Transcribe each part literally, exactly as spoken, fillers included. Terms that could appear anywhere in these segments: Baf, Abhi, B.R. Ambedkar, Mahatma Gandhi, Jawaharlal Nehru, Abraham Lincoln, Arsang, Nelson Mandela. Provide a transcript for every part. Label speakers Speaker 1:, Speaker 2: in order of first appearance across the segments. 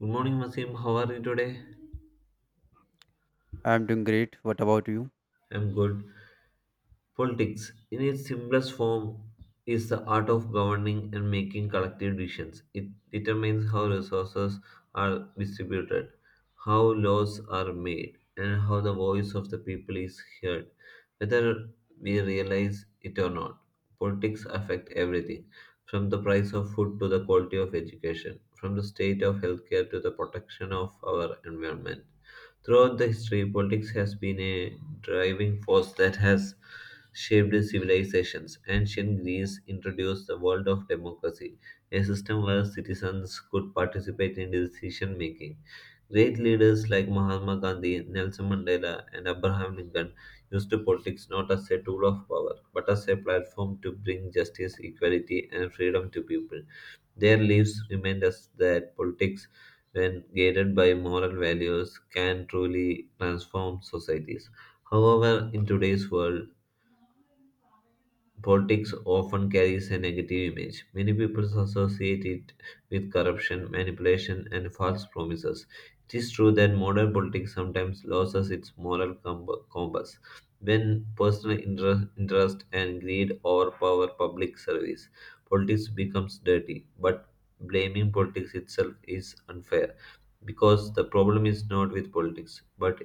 Speaker 1: Good morning, Masim. How are you today?
Speaker 2: I'm doing great. What about you?
Speaker 1: I'm good. Politics, in its simplest form, is the art of governing and making collective decisions. It determines how resources are distributed, how laws are made, and how the voice of the people is heard, whether we realize it or not. Politics affect everything, from the price of food to the quality of education, from the state of healthcare to the protection of our environment. Throughout the history, politics has been a driving force that has shaped civilizations. Ancient Greece introduced the world of democracy, a system where citizens could participate in decision making. Great leaders like Mahatma Gandhi, Nelson Mandela, and Abraham Lincoln used politics not as a tool of power, but as a platform to bring justice, equality, and freedom to people. Their lives remind us that politics, when guided by moral values, can truly transform societies. However, in today's world, politics often carries a negative image. Many people associate it with corruption, manipulation, and false promises. It is true that modern politics sometimes loses its moral com- compass when personal inter- interest and greed overpower public service. Politics becomes dirty, but blaming politics itself is unfair because the problem is not with politics but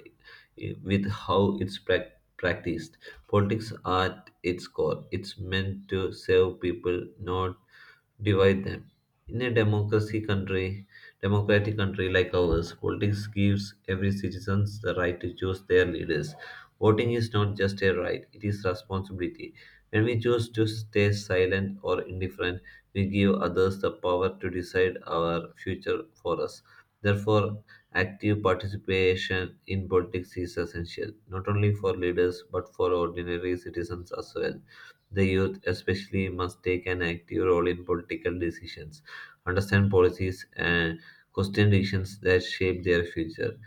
Speaker 1: eh, with how it's prac- practiced. Politics are its core. It's meant to save people, not divide them. In a democracy country, democratic country like ours, politics gives every citizen the right to choose their leaders. Voting is not just a right, it is responsibility. When we choose to stay silent or indifferent, we give others the power to decide our future for us. Therefore, active participation in politics is essential, not only for leaders but for ordinary citizens as well. The youth, especially, must take an active role in political decisions, understand policies, and question decisions that shape their future.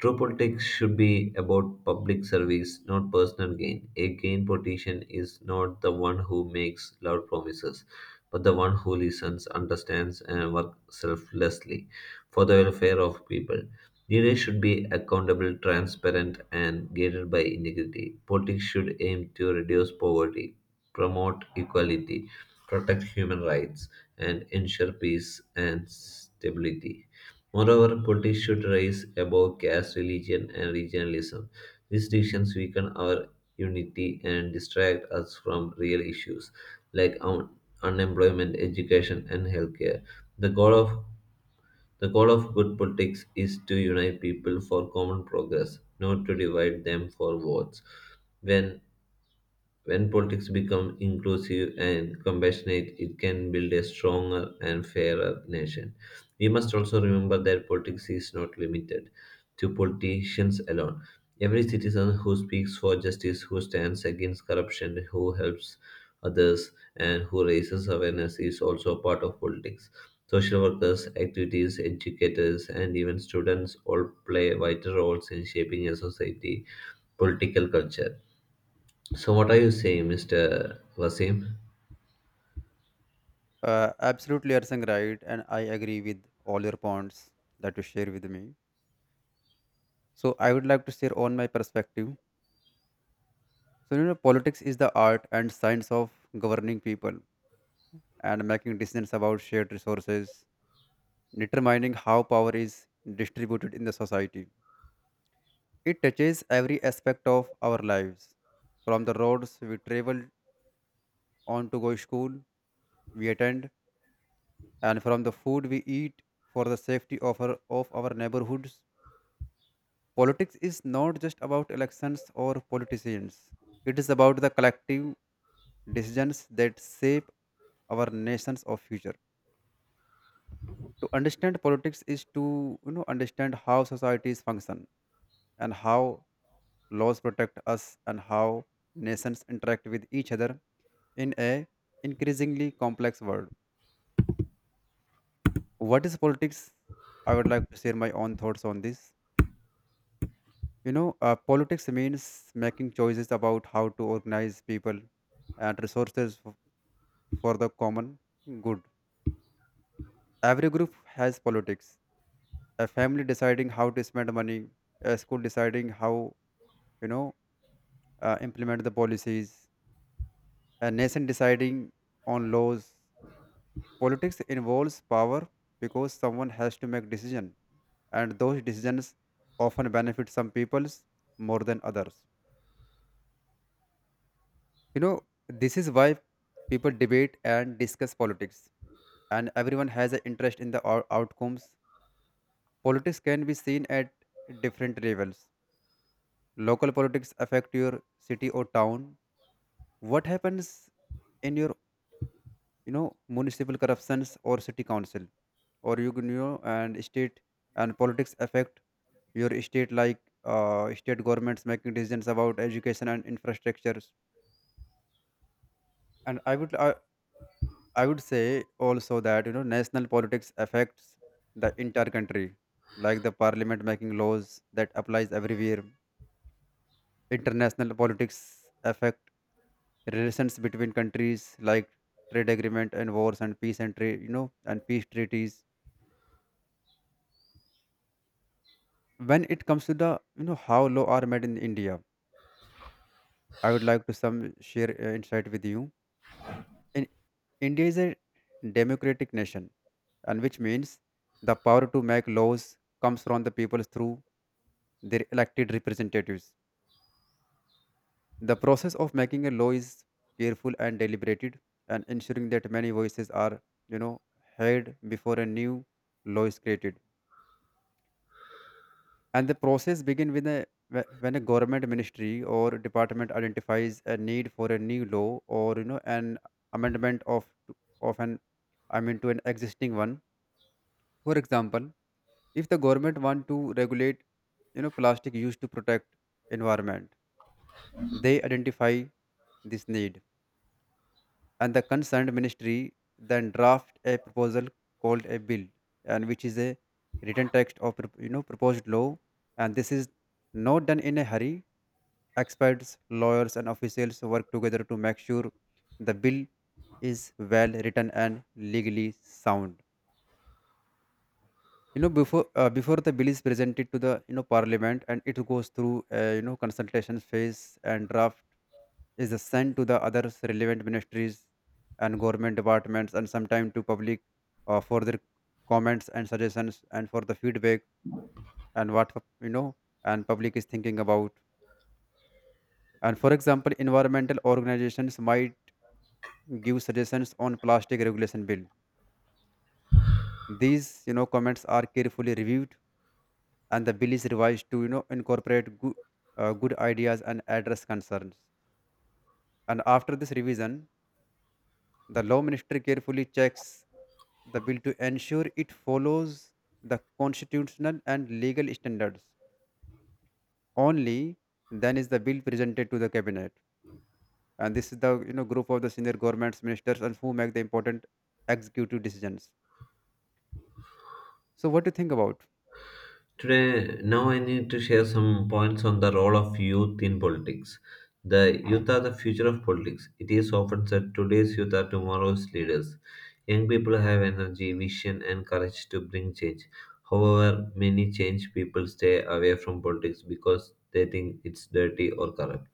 Speaker 1: True politics should be about public service, not personal gain. A gain politician is not the one who makes loud promises, but the one who listens, understands, and works selflessly for the welfare of people. Leaders should be accountable, transparent, and guided by integrity. Politics should aim to reduce poverty, promote equality, protect human rights, and ensure peace and stability. Moreover, politics should rise above caste, religion, and regionalism. These distinctions weaken our unity and distract us from real issues like un- unemployment, education, and healthcare. The goal of the goal of good politics is to unite people for common progress, not to divide them for votes. When when politics become inclusive and compassionate, it can build a stronger and fairer nation. We must also remember that politics is not limited to politicians alone. Every citizen who speaks for justice, who stands against corruption, who helps others, and who raises awareness is also part of politics. Social workers, activities, educators, and even students all play vital roles in shaping a society political culture. So, what are you saying, mister Wasim?
Speaker 2: Uh, absolutely, Arsang, right. And I agree with all your points that you share with me. So I would like to share on my perspective. So, you know, politics is the art and science of governing people and making decisions about shared resources, determining how power is distributed in the society. It touches every aspect of our lives, from the roads we travel on to go school, we attend, and from the food we eat for the safety of our, of our neighborhoods. Politics is not just about elections or politicians, it is about the collective decisions that shape our nations of future. To understand politics is to, you know, understand how societies function and how laws protect us and how nations interact with each other in a increasingly complex world. What is politics? I would like to share my own thoughts on this. You know, uh, politics means making choices about how to organize people and resources f- for the common good. Every group has politics. A family deciding how to spend money, a school deciding how, you know, uh, implement the policies, a nation deciding on laws. Politics involves power because someone has to make decision and those decisions often benefit some peoples more than others. You know, this is why people debate and discuss politics, and everyone has an interest in the ou- outcomes. Politics can be seen at different levels. Local politics affect your city or town. What happens in your, you know, municipal corruptions or city council, or you can, you know, and state and politics affect your state, like uh, state governments making decisions about education and infrastructures. And I would, I, I would say also that, you know, national politics affects the entire country, like the parliament making laws that applies everywhere. International politics affect relations between countries, like trade agreement and wars and peace and trade, you know, and peace treaties. When it comes to the, you know, how law are made in India, I would like to some share uh, insight with you. And India is a democratic nation, and which means the power to make laws comes from the people through their elected representatives. The process of making a law is careful and deliberated, and ensuring that many voices are, you know, heard before a new law is created. And the process begins with a wh- when a government ministry or department identifies a need for a new law or, you know, an amendment of of an, I mean, to an existing one. For example, if the government want to regulate, you know, plastic used to protect environment, they identify this need, and the concerned ministry then draft a proposal called a bill, and which is a written text of prop- you know, proposed law, and this is not done in a hurry. Experts, lawyers, and officials work together to make sure the bill is well written and legally sound. You know, before uh, before the bill is presented to the, you know, parliament and it goes through, uh, you know, consultation phase and draft is sent to the other relevant ministries and government departments and sometime to public, uh, for their comments and suggestions and for the feedback and what, you know, and public is thinking about. And for example, environmental organizations might give suggestions on plastic regulation bill. These, you know, comments are carefully reviewed and the bill is revised to, you know, incorporate good, uh, good ideas and address concerns. And after this revision, the law minister carefully checks the bill to ensure it follows the constitutional and legal standards. Only then is the bill presented to the cabinet, and this is the, you know, group of the senior governments ministers and who make the important executive decisions. So what do you think about?
Speaker 1: Today, now I need to share some points on the role of youth in politics. The youth are the future of politics. It is often said today's youth are tomorrow's leaders. Young people have energy, vision, and courage to bring change. However, many change people stay away from politics because they think it's dirty or corrupt.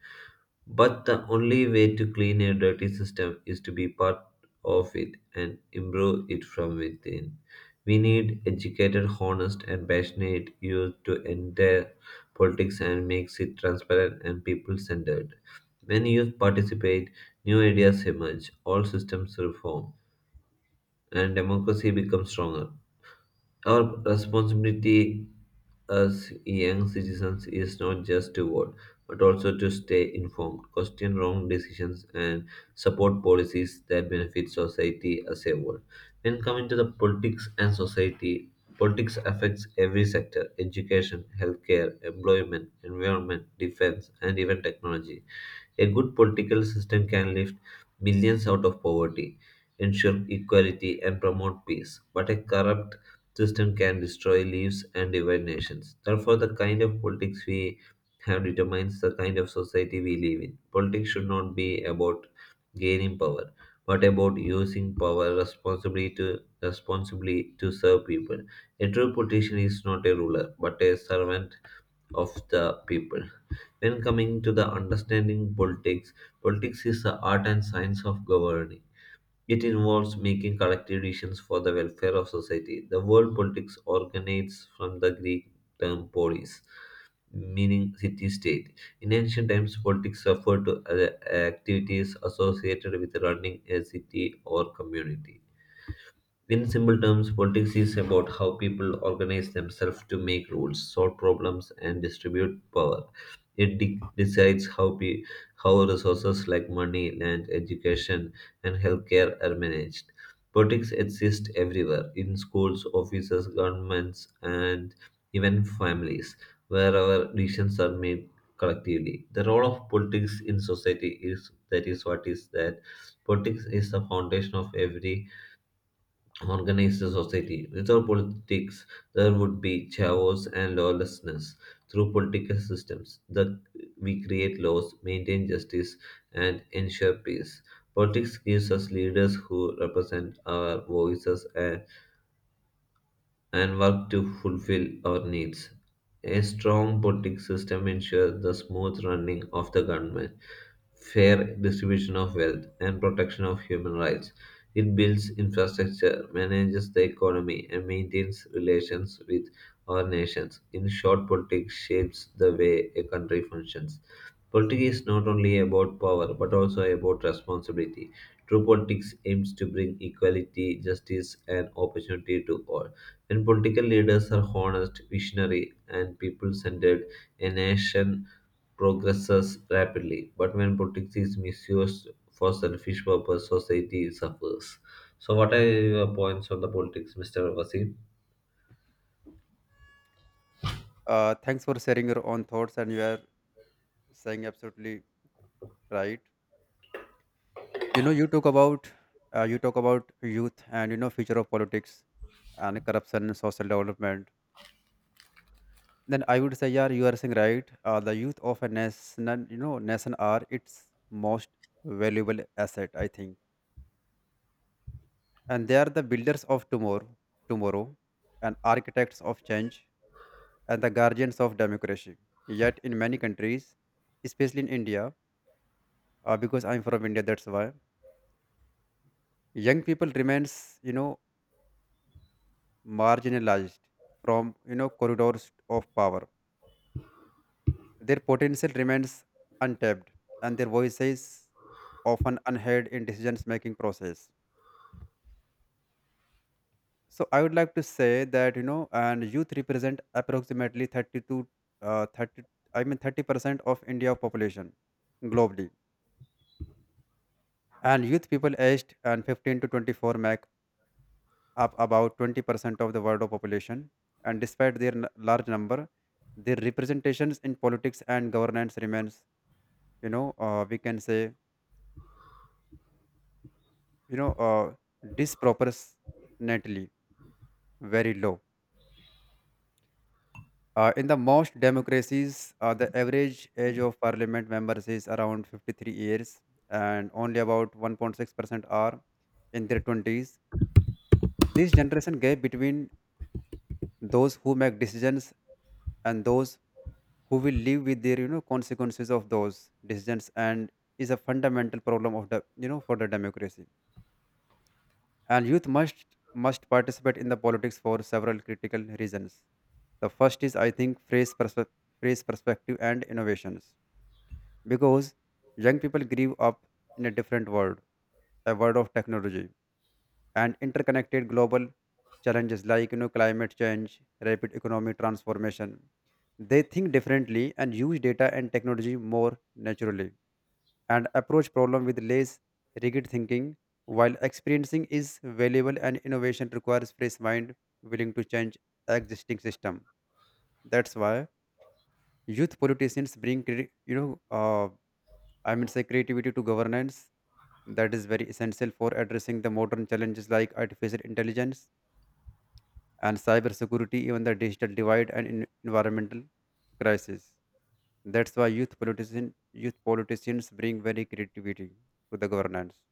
Speaker 1: But the only way to clean a dirty system is to be part of it and improve it from within. We need educated, honest, and passionate youth to enter politics and makes it transparent and people centered. When youth participate, new ideas emerge, all systems reform, and democracy becomes stronger. Our responsibility as young citizens is not just to vote, but also to stay informed, question wrong decisions, and support policies that benefit society as a whole. When coming to the politics and society, politics affects every sector education, healthcare, employment, environment, defense, and even technology. A good political system can lift millions out of poverty, ensure equality, and promote peace, but a corrupt system can destroy lives and divide nations. Therefore, the kind of politics we have determines the kind of society we live in. Politics should not be about gaining power, but about using power responsibly to responsibly to serve people. A true politician is not a ruler, but a servant of the people. When coming to the understanding politics, politics is the art and science of governing. It involves making collective decisions for the welfare of society. The word politics originates from the Greek term polis, meaning city state. In ancient times, politics referred to uh, activities associated with running a city or community. In simple terms, politics is about how people organize themselves to make rules, solve problems, and distribute power. It de- decides how pe- how resources like money, land, education, and healthcare are managed. Politics exists everywhere in schools, offices, governments, and even families, where our decisions are made collectively. The role of politics in society is that is what is that politics is the foundation of every organize the society. Without politics, there would be chaos and lawlessness. Through political systems, that we create laws, maintain justice, and ensure peace. Politics gives us leaders who represent our voices and and work to fulfill our needs. A strong voting system ensures the smooth running of the government, fair distribution of wealth, and protection of human rights. It builds infrastructure, manages the economy, and maintains relations with our nations. In short, politics shapes the way a country functions. Politics is not only about power but also about responsibility. True politics aims to bring equality, justice, and opportunity to all. When political leaders are honest, visionary, and people centered, a nation progresses rapidly. But when politics is misused for selfish purpose, society suffers. So, what are your points on the politics, mister Vasim?
Speaker 2: uh, Thanks for sharing your own thoughts and you are saying absolutely right. You know, you talk about, uh, you talk about youth and, you know, future of politics and corruption and social development. Then I would say yeah, you are saying right. Uh, the youth of a nation, you know, nation are its most valuable asset, I think, and they are the builders of tomorrow tomorrow and architects of change and the guardians of democracy. Yet in many countries, especially in India, uh, because I'm from India, that's why young people remains, you know, marginalized from, you know, corridors of power. Their potential remains untapped, and their voices often unheard in decisions making process. So I would like to say that, you know, and youth represent approximately thirty-two, uh, thirty, I mean thirty percent of India population globally, and youth people aged and fifteen to twenty-four make up about twenty percent of the world population. And despite their n- large number, their representations in politics and governance remains, you know, uh, we can say, you know, uh, disproportionately very low. Uh, in the most democracies, uh, the average age of parliament members is around fifty-three years and only about one point six percent are in their twenties. This generation gap between those who make decisions and those who will live with their, you know, consequences of those decisions and is a fundamental problem of the, you know, for the democracy. And youth must must participate in the politics for several critical reasons. The first is, I think, phrase, perspe- phrase perspective and innovations, because young people grew up in a different world, a world of technology and interconnected global challenges like, you know, climate change, rapid economic transformation. They think differently and use data and technology more naturally and approach problem with less rigid thinking, while experiencing is valuable and innovation requires fresh mind willing to change existing system. That's why youth politicians bring cre- you know, uh, I mean say creativity to governance that is very essential for addressing the modern challenges like artificial intelligence and cybersecurity, even the digital divide and en- environmental crisis. That's why youth politician, youth politicians bring very creativity to the governance.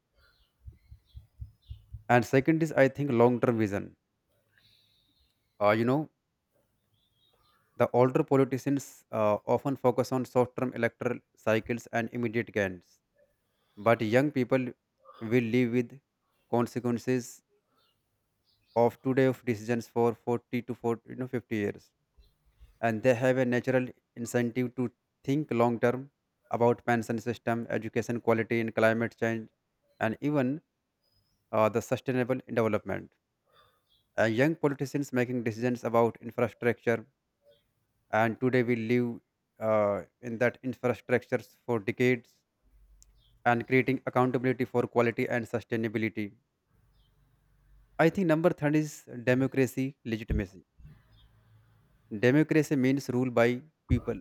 Speaker 2: And second is, I think, long term vision. Uh, you know, the older politicians uh, often focus on short term electoral cycles and immediate gains, but young people will live with consequences of today of decisions for forty to forty, you know, fifty years. And they have a natural incentive to think long term about pension system, education quality, and climate change, and even uh, the sustainable development. Uh, young politicians making decisions about infrastructure and today we live uh, in that infrastructures for decades and creating accountability for quality and sustainability. I think number third is democracy legitimacy. Democracy means rule by people,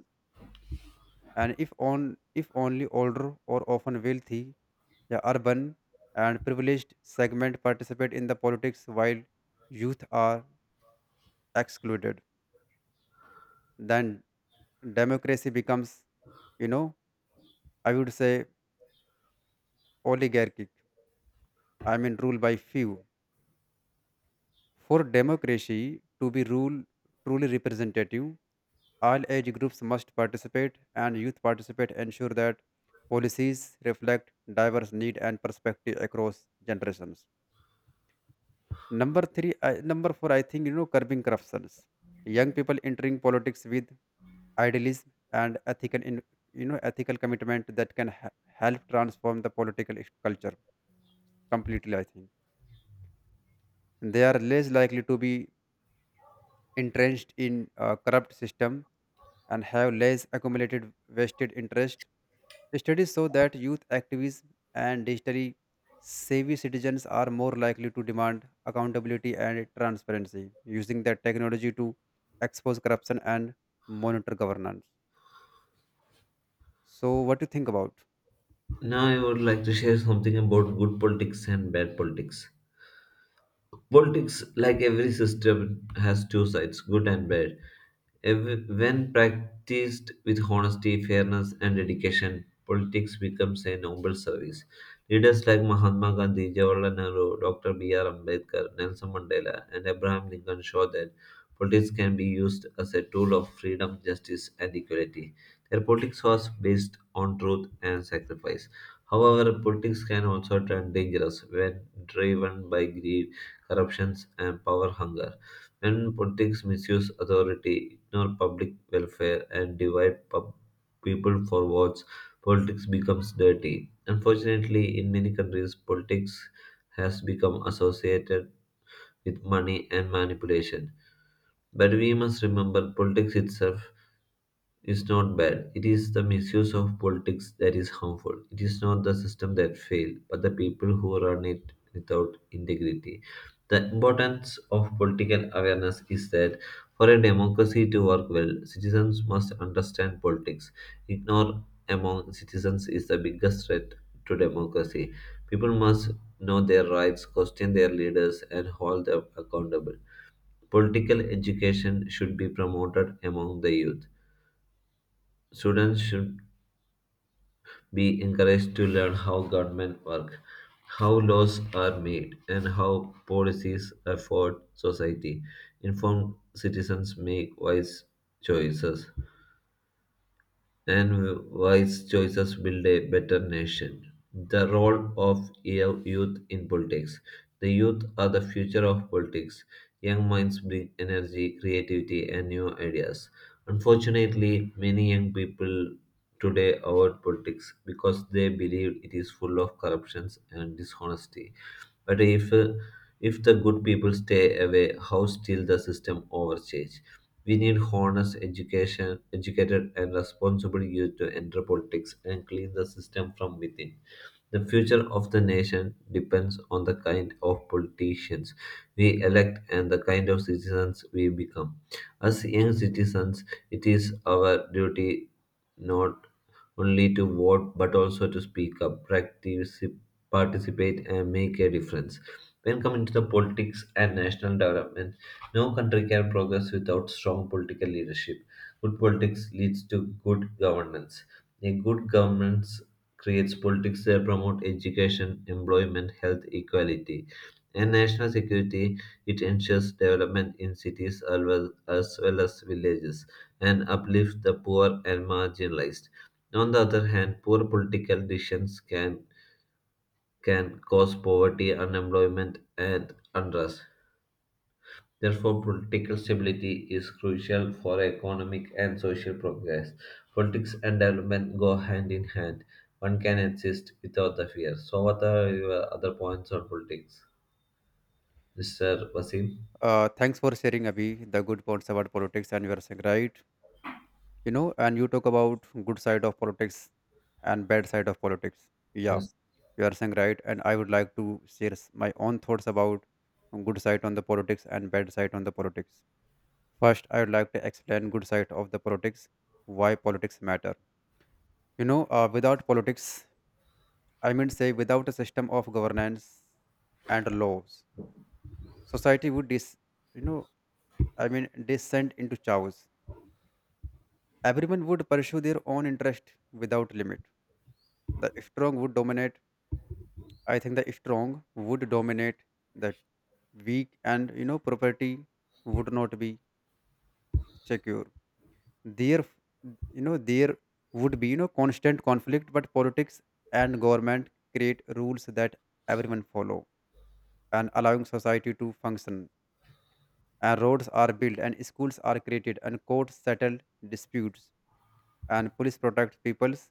Speaker 2: and if on if only older or often wealthy, the urban and privileged segment participate in the politics while youth are excluded, then democracy becomes, you know, I would say oligarchic, I mean, ruled by few. For democracy to be rule, truly representative, all age groups must participate and youth participate ensure that policies reflect diverse need and perspective across generations. Number three, I, number four, I think, you know, curbing corruptions. Young people entering politics with idealism and ethical, in, you know, ethical commitment that can ha- help transform the political culture completely. I think they are less likely to be entrenched in a corrupt system and have less accumulated vested interest. Studies show that youth activists and digitally savvy citizens are more likely to demand accountability and transparency, using that technology to expose corruption and monitor governance. So, what do you think about?
Speaker 1: Now, I would like to share something about good politics and bad politics. Politics, like every system, has two sides, good and bad. Ev- When practiced with honesty, fairness, and dedication, politics becomes a noble service. Leaders like Mahatma Gandhi, Jawaharlal Nehru, doctor B R. Ambedkar, Nelson Mandela, and Abraham Lincoln show that politics can be used as a tool of freedom, justice, and equality. Their politics was based on truth and sacrifice. However, politics can also turn dangerous when driven by greed, corruptions, and power hunger. When politics misuse authority, ignore public welfare, and divide pub- people for votes, politics becomes dirty. Unfortunately, in many countries, politics has become associated with money and manipulation. But we must remember politics itself is not bad. It is the misuse of politics that is harmful. It is not the system that failed, but the people who run it without integrity. The importance of political awareness is that for a democracy to work well, citizens must understand politics. Ignore among citizens is the biggest threat to democracy. People must know their rights, question their leaders, and hold them accountable. Political education should be promoted among the youth. Students should be encouraged to learn how government works, how laws are made, and how policies affect society. Informed citizens make wise choices, and wise choices build a better nation. The role of yo- youth in politics. The youth are the future of politics. Young minds bring energy, creativity, and new ideas. Unfortunately, many young people today about politics because they believe it is full of corruptions and dishonesty. But if uh, if the good people stay away, how still the system overcharge? We need honest education, educated and responsible youth to enter politics and clean the system from within. The future of the nation depends on the kind of politicians we elect and the kind of citizens we become. As young citizens, it is our duty not only to vote but also to speak up, practice, participate, and make a difference. When coming to the politics and national development, no country can progress without strong political leadership. Good politics leads to good governance. A good governance creates politics that promote education, employment, health equality, and national security. It ensures development in cities as well as, well as villages and uplift the poor and marginalized. On the other hand, poor political decisions can, can cause poverty, unemployment, and unrest. Therefore, political stability is crucial for economic and social progress. Politics and development go hand in hand. One can exist without the fear. So, what are your other points on politics, mister Wasim?
Speaker 2: Uh, thanks for sharing, Abhi, the good points about politics, and you are saying right. You know, and you talk about good side of politics and bad side of politics, yeah.
Speaker 1: Yes,
Speaker 2: You are saying right, and I would like to share s- my own thoughts about good side on the politics and bad side on the politics. First, I would like to explain good side of the politics. Why politics matter? You know, uh, without politics, I mean say, without a system of governance and laws, society would dis, you know, I mean descend into chaos. Everyone would pursue their own interest without limit. The strong would dominate. I think the strong would dominate the weak. And you know, property would not be secure. There, you know, there would be, you know, constant conflict. But politics and government create rules that everyone follow, and allowing society to function, and roads are built and schools are created and courts settle disputes and police protect peoples.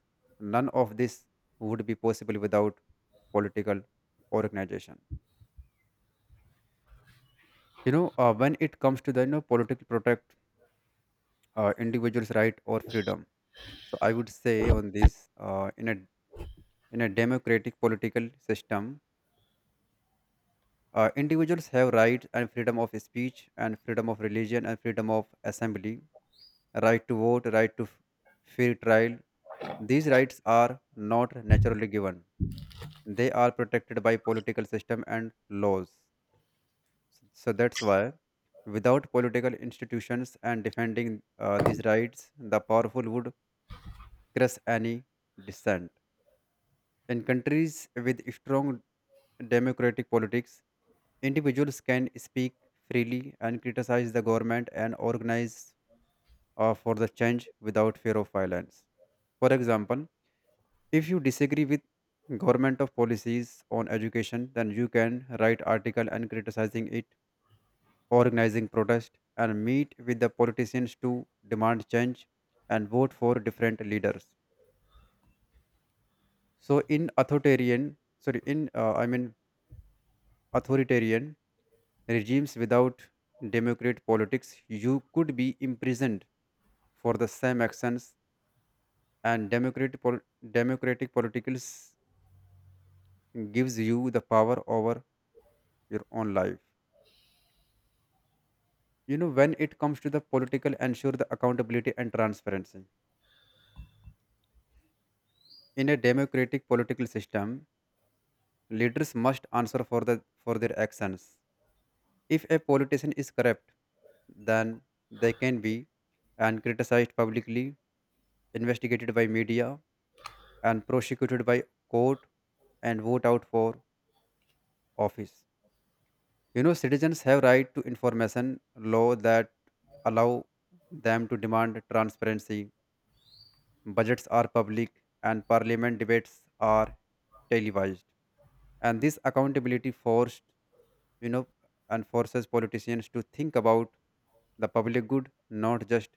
Speaker 2: None of this would be possible without political organization. You know, uh, when it comes to the, you know, political protect uh, individuals right or freedom. So I would say on this, uh, in a in a democratic political system, uh, individuals have rights and freedom of speech and freedom of religion and freedom of assembly, right to vote, right to f- fair trial. These rights are not naturally given. They are protected by political system and laws. So, so that's why, without political institutions and defending uh, these rights, the powerful would crush any dissent. In countries with strong democratic politics, individuals can speak freely and criticize the government and organize uh, for the change without fear of violence. For example, if you disagree with government of policies on education, then you can write article and criticizing it, organizing protest, and meet with the politicians to demand change and vote for different leaders. So in authoritarian, sorry, in uh, I mean authoritarian regimes without democratic politics, you could be imprisoned for the same actions, and democratic pol- democratic politicals gives you the power over your own life. You know, when it comes to the political, ensure the accountability and transparency. In a democratic political system, leaders must answer for the for their actions. If a politician is corrupt, then they can be and criticized publicly, investigated by media, and prosecuted by court and vote out for office. You know, citizens have right to information law that allow them to demand transparency, budgets are public, and parliament debates are televised. And this accountability forced, you know, and forces politicians to think about the public good, not just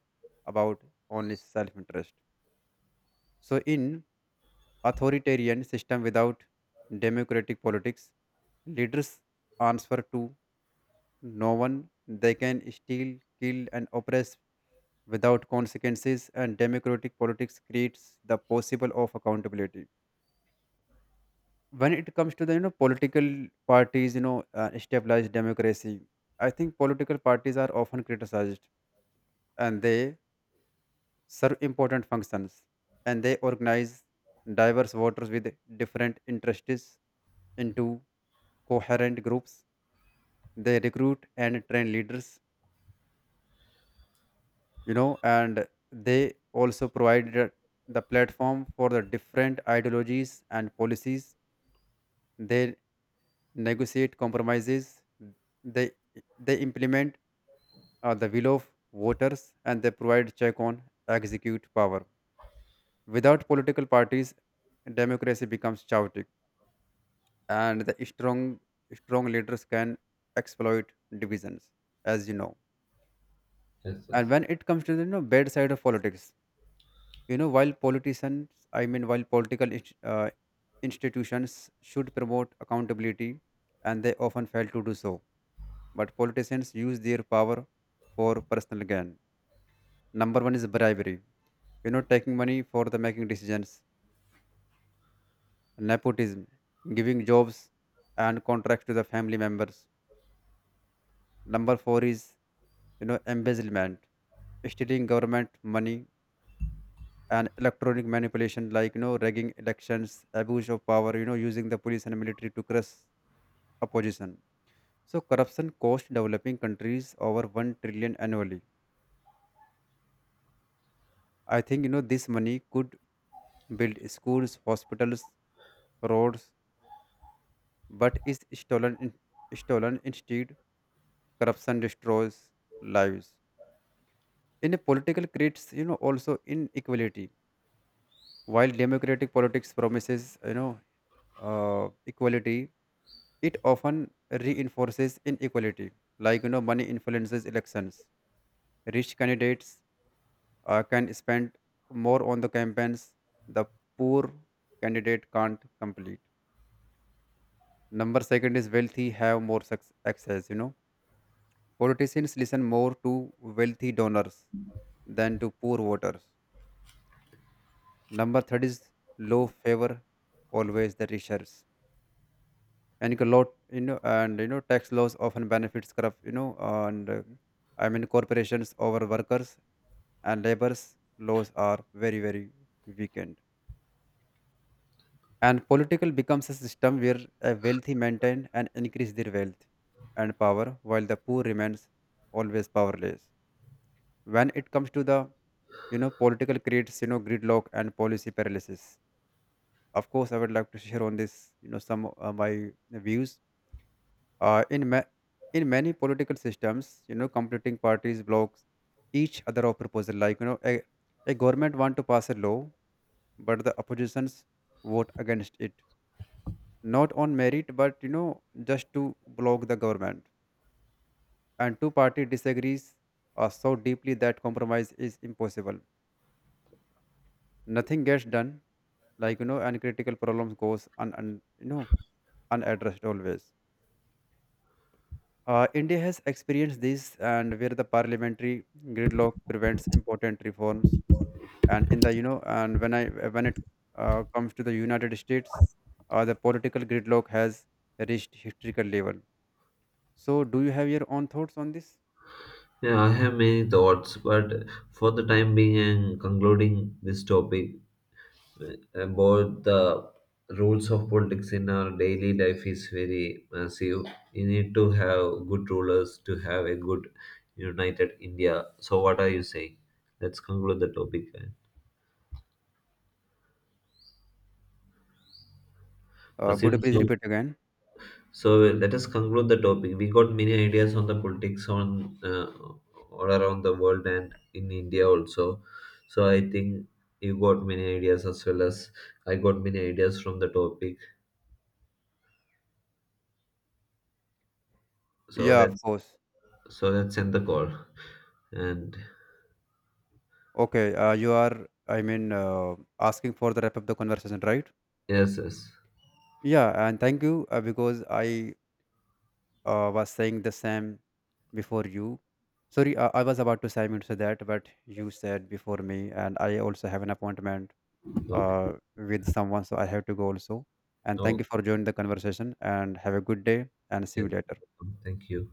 Speaker 2: about only self-interest. So, in authoritarian system without democratic politics, leaders answer to no one. They can steal, kill, and oppress without consequences, and democratic politics creates the possible of accountability. When it comes to the, you know, political parties, you know, uh, established democracy, I think political parties are often criticized, and they serve important functions, and they organize diverse voters with different interests into coherent groups. They recruit and train leaders, you know, and they also provided the platform for the different ideologies and policies. They negotiate compromises. They they implement uh, the will of voters and they provide check on execute power. Without political parties, democracy becomes chaotic and the strong strong leaders can exploit divisions, as you know.
Speaker 1: yes, yes.
Speaker 2: And when it comes to the, you know, bad side of politics, you know, while politicians, I mean while political inst- uh, institutions should promote accountability, and they often fail to do so, but politicians use their power for personal gain. Number one is bribery, you know, taking money for the making decisions. Nepotism, giving jobs and contracts to the family members. Number four is, you know, embezzlement, stealing government money, and electronic manipulation, like you know, rigging elections, abuse of power, you know, using the police and military to crush opposition. So corruption costs developing countries over 1 trillion annually. I think, you know, this money could build schools, hospitals, roads, but is stolen in, stolen instead. Corruption destroys lives. In a political creates, you know, also inequality. While democratic politics promises, you know, uh, equality, it often reinforces inequality, like you know, money influences elections. Rich candidates uh, can spend more on the campaigns. The poor candidate can't complete. Number second is wealthy have more suc- access. You know, politicians listen more to wealthy donors than to poor voters. Number third is low favor always the richer. And you can lot, you know, and you know, tax laws often benefits corrupt, you know, and uh, I mean corporations over workers, and labor's laws are very very weakened, and political becomes a system where a wealthy maintain and increase their wealth and power, while the poor remains always powerless. When it comes to the, you know, political creates, you know, gridlock and policy paralysis. Of course, I would like to share on this, you know, some uh, my views. Uh, in ma- in many political systems, you know, competing parties block each other of proposal. Like you know, a, a government want to pass a law, but the oppositions vote against it, not on merit, but you know, just to block the government. And two party disagrees uh, so deeply that compromise is impossible. Nothing gets done. Like you know, and critical problems goes un, un you know unaddressed always. Uh, India has experienced this, and where the parliamentary gridlock prevents important reforms. And in the, you know, and when I when it uh, comes to the United States, uh, the political gridlock has reached historical level. So, do you have your own thoughts on this?
Speaker 1: Yeah, I have many thoughts, but for the time being and concluding this topic, about the rules of politics in our daily life is very massive. You need to have good rulers to have a good united India. So, what are you saying? Let's conclude the topic, eh?
Speaker 2: Uh, could you
Speaker 1: Wasim,
Speaker 2: please
Speaker 1: so,
Speaker 2: repeat again?
Speaker 1: so let us conclude the topic. We got many ideas on the politics on uh, all around the world and in India also. So, I think you got many ideas as well as I got many ideas from the topic. So,
Speaker 2: Yeah, of
Speaker 1: let's
Speaker 2: course.
Speaker 1: So let's end the call. And
Speaker 2: Okay, uh, you are, I mean, uh, asking for the wrap up the conversation, right?
Speaker 1: yes, yes.
Speaker 2: Yeah, and thank you, uh, because I uh, was saying the same before you. Sorry, uh, I was about to say, I mean to say that, but you said before me, and I also have an appointment
Speaker 1: Okay.
Speaker 2: uh, with someone, so I have to go also. And thank
Speaker 1: Oh,
Speaker 2: you for joining the conversation, and have a good day, and see
Speaker 1: yes.
Speaker 2: you later.
Speaker 1: Thank you.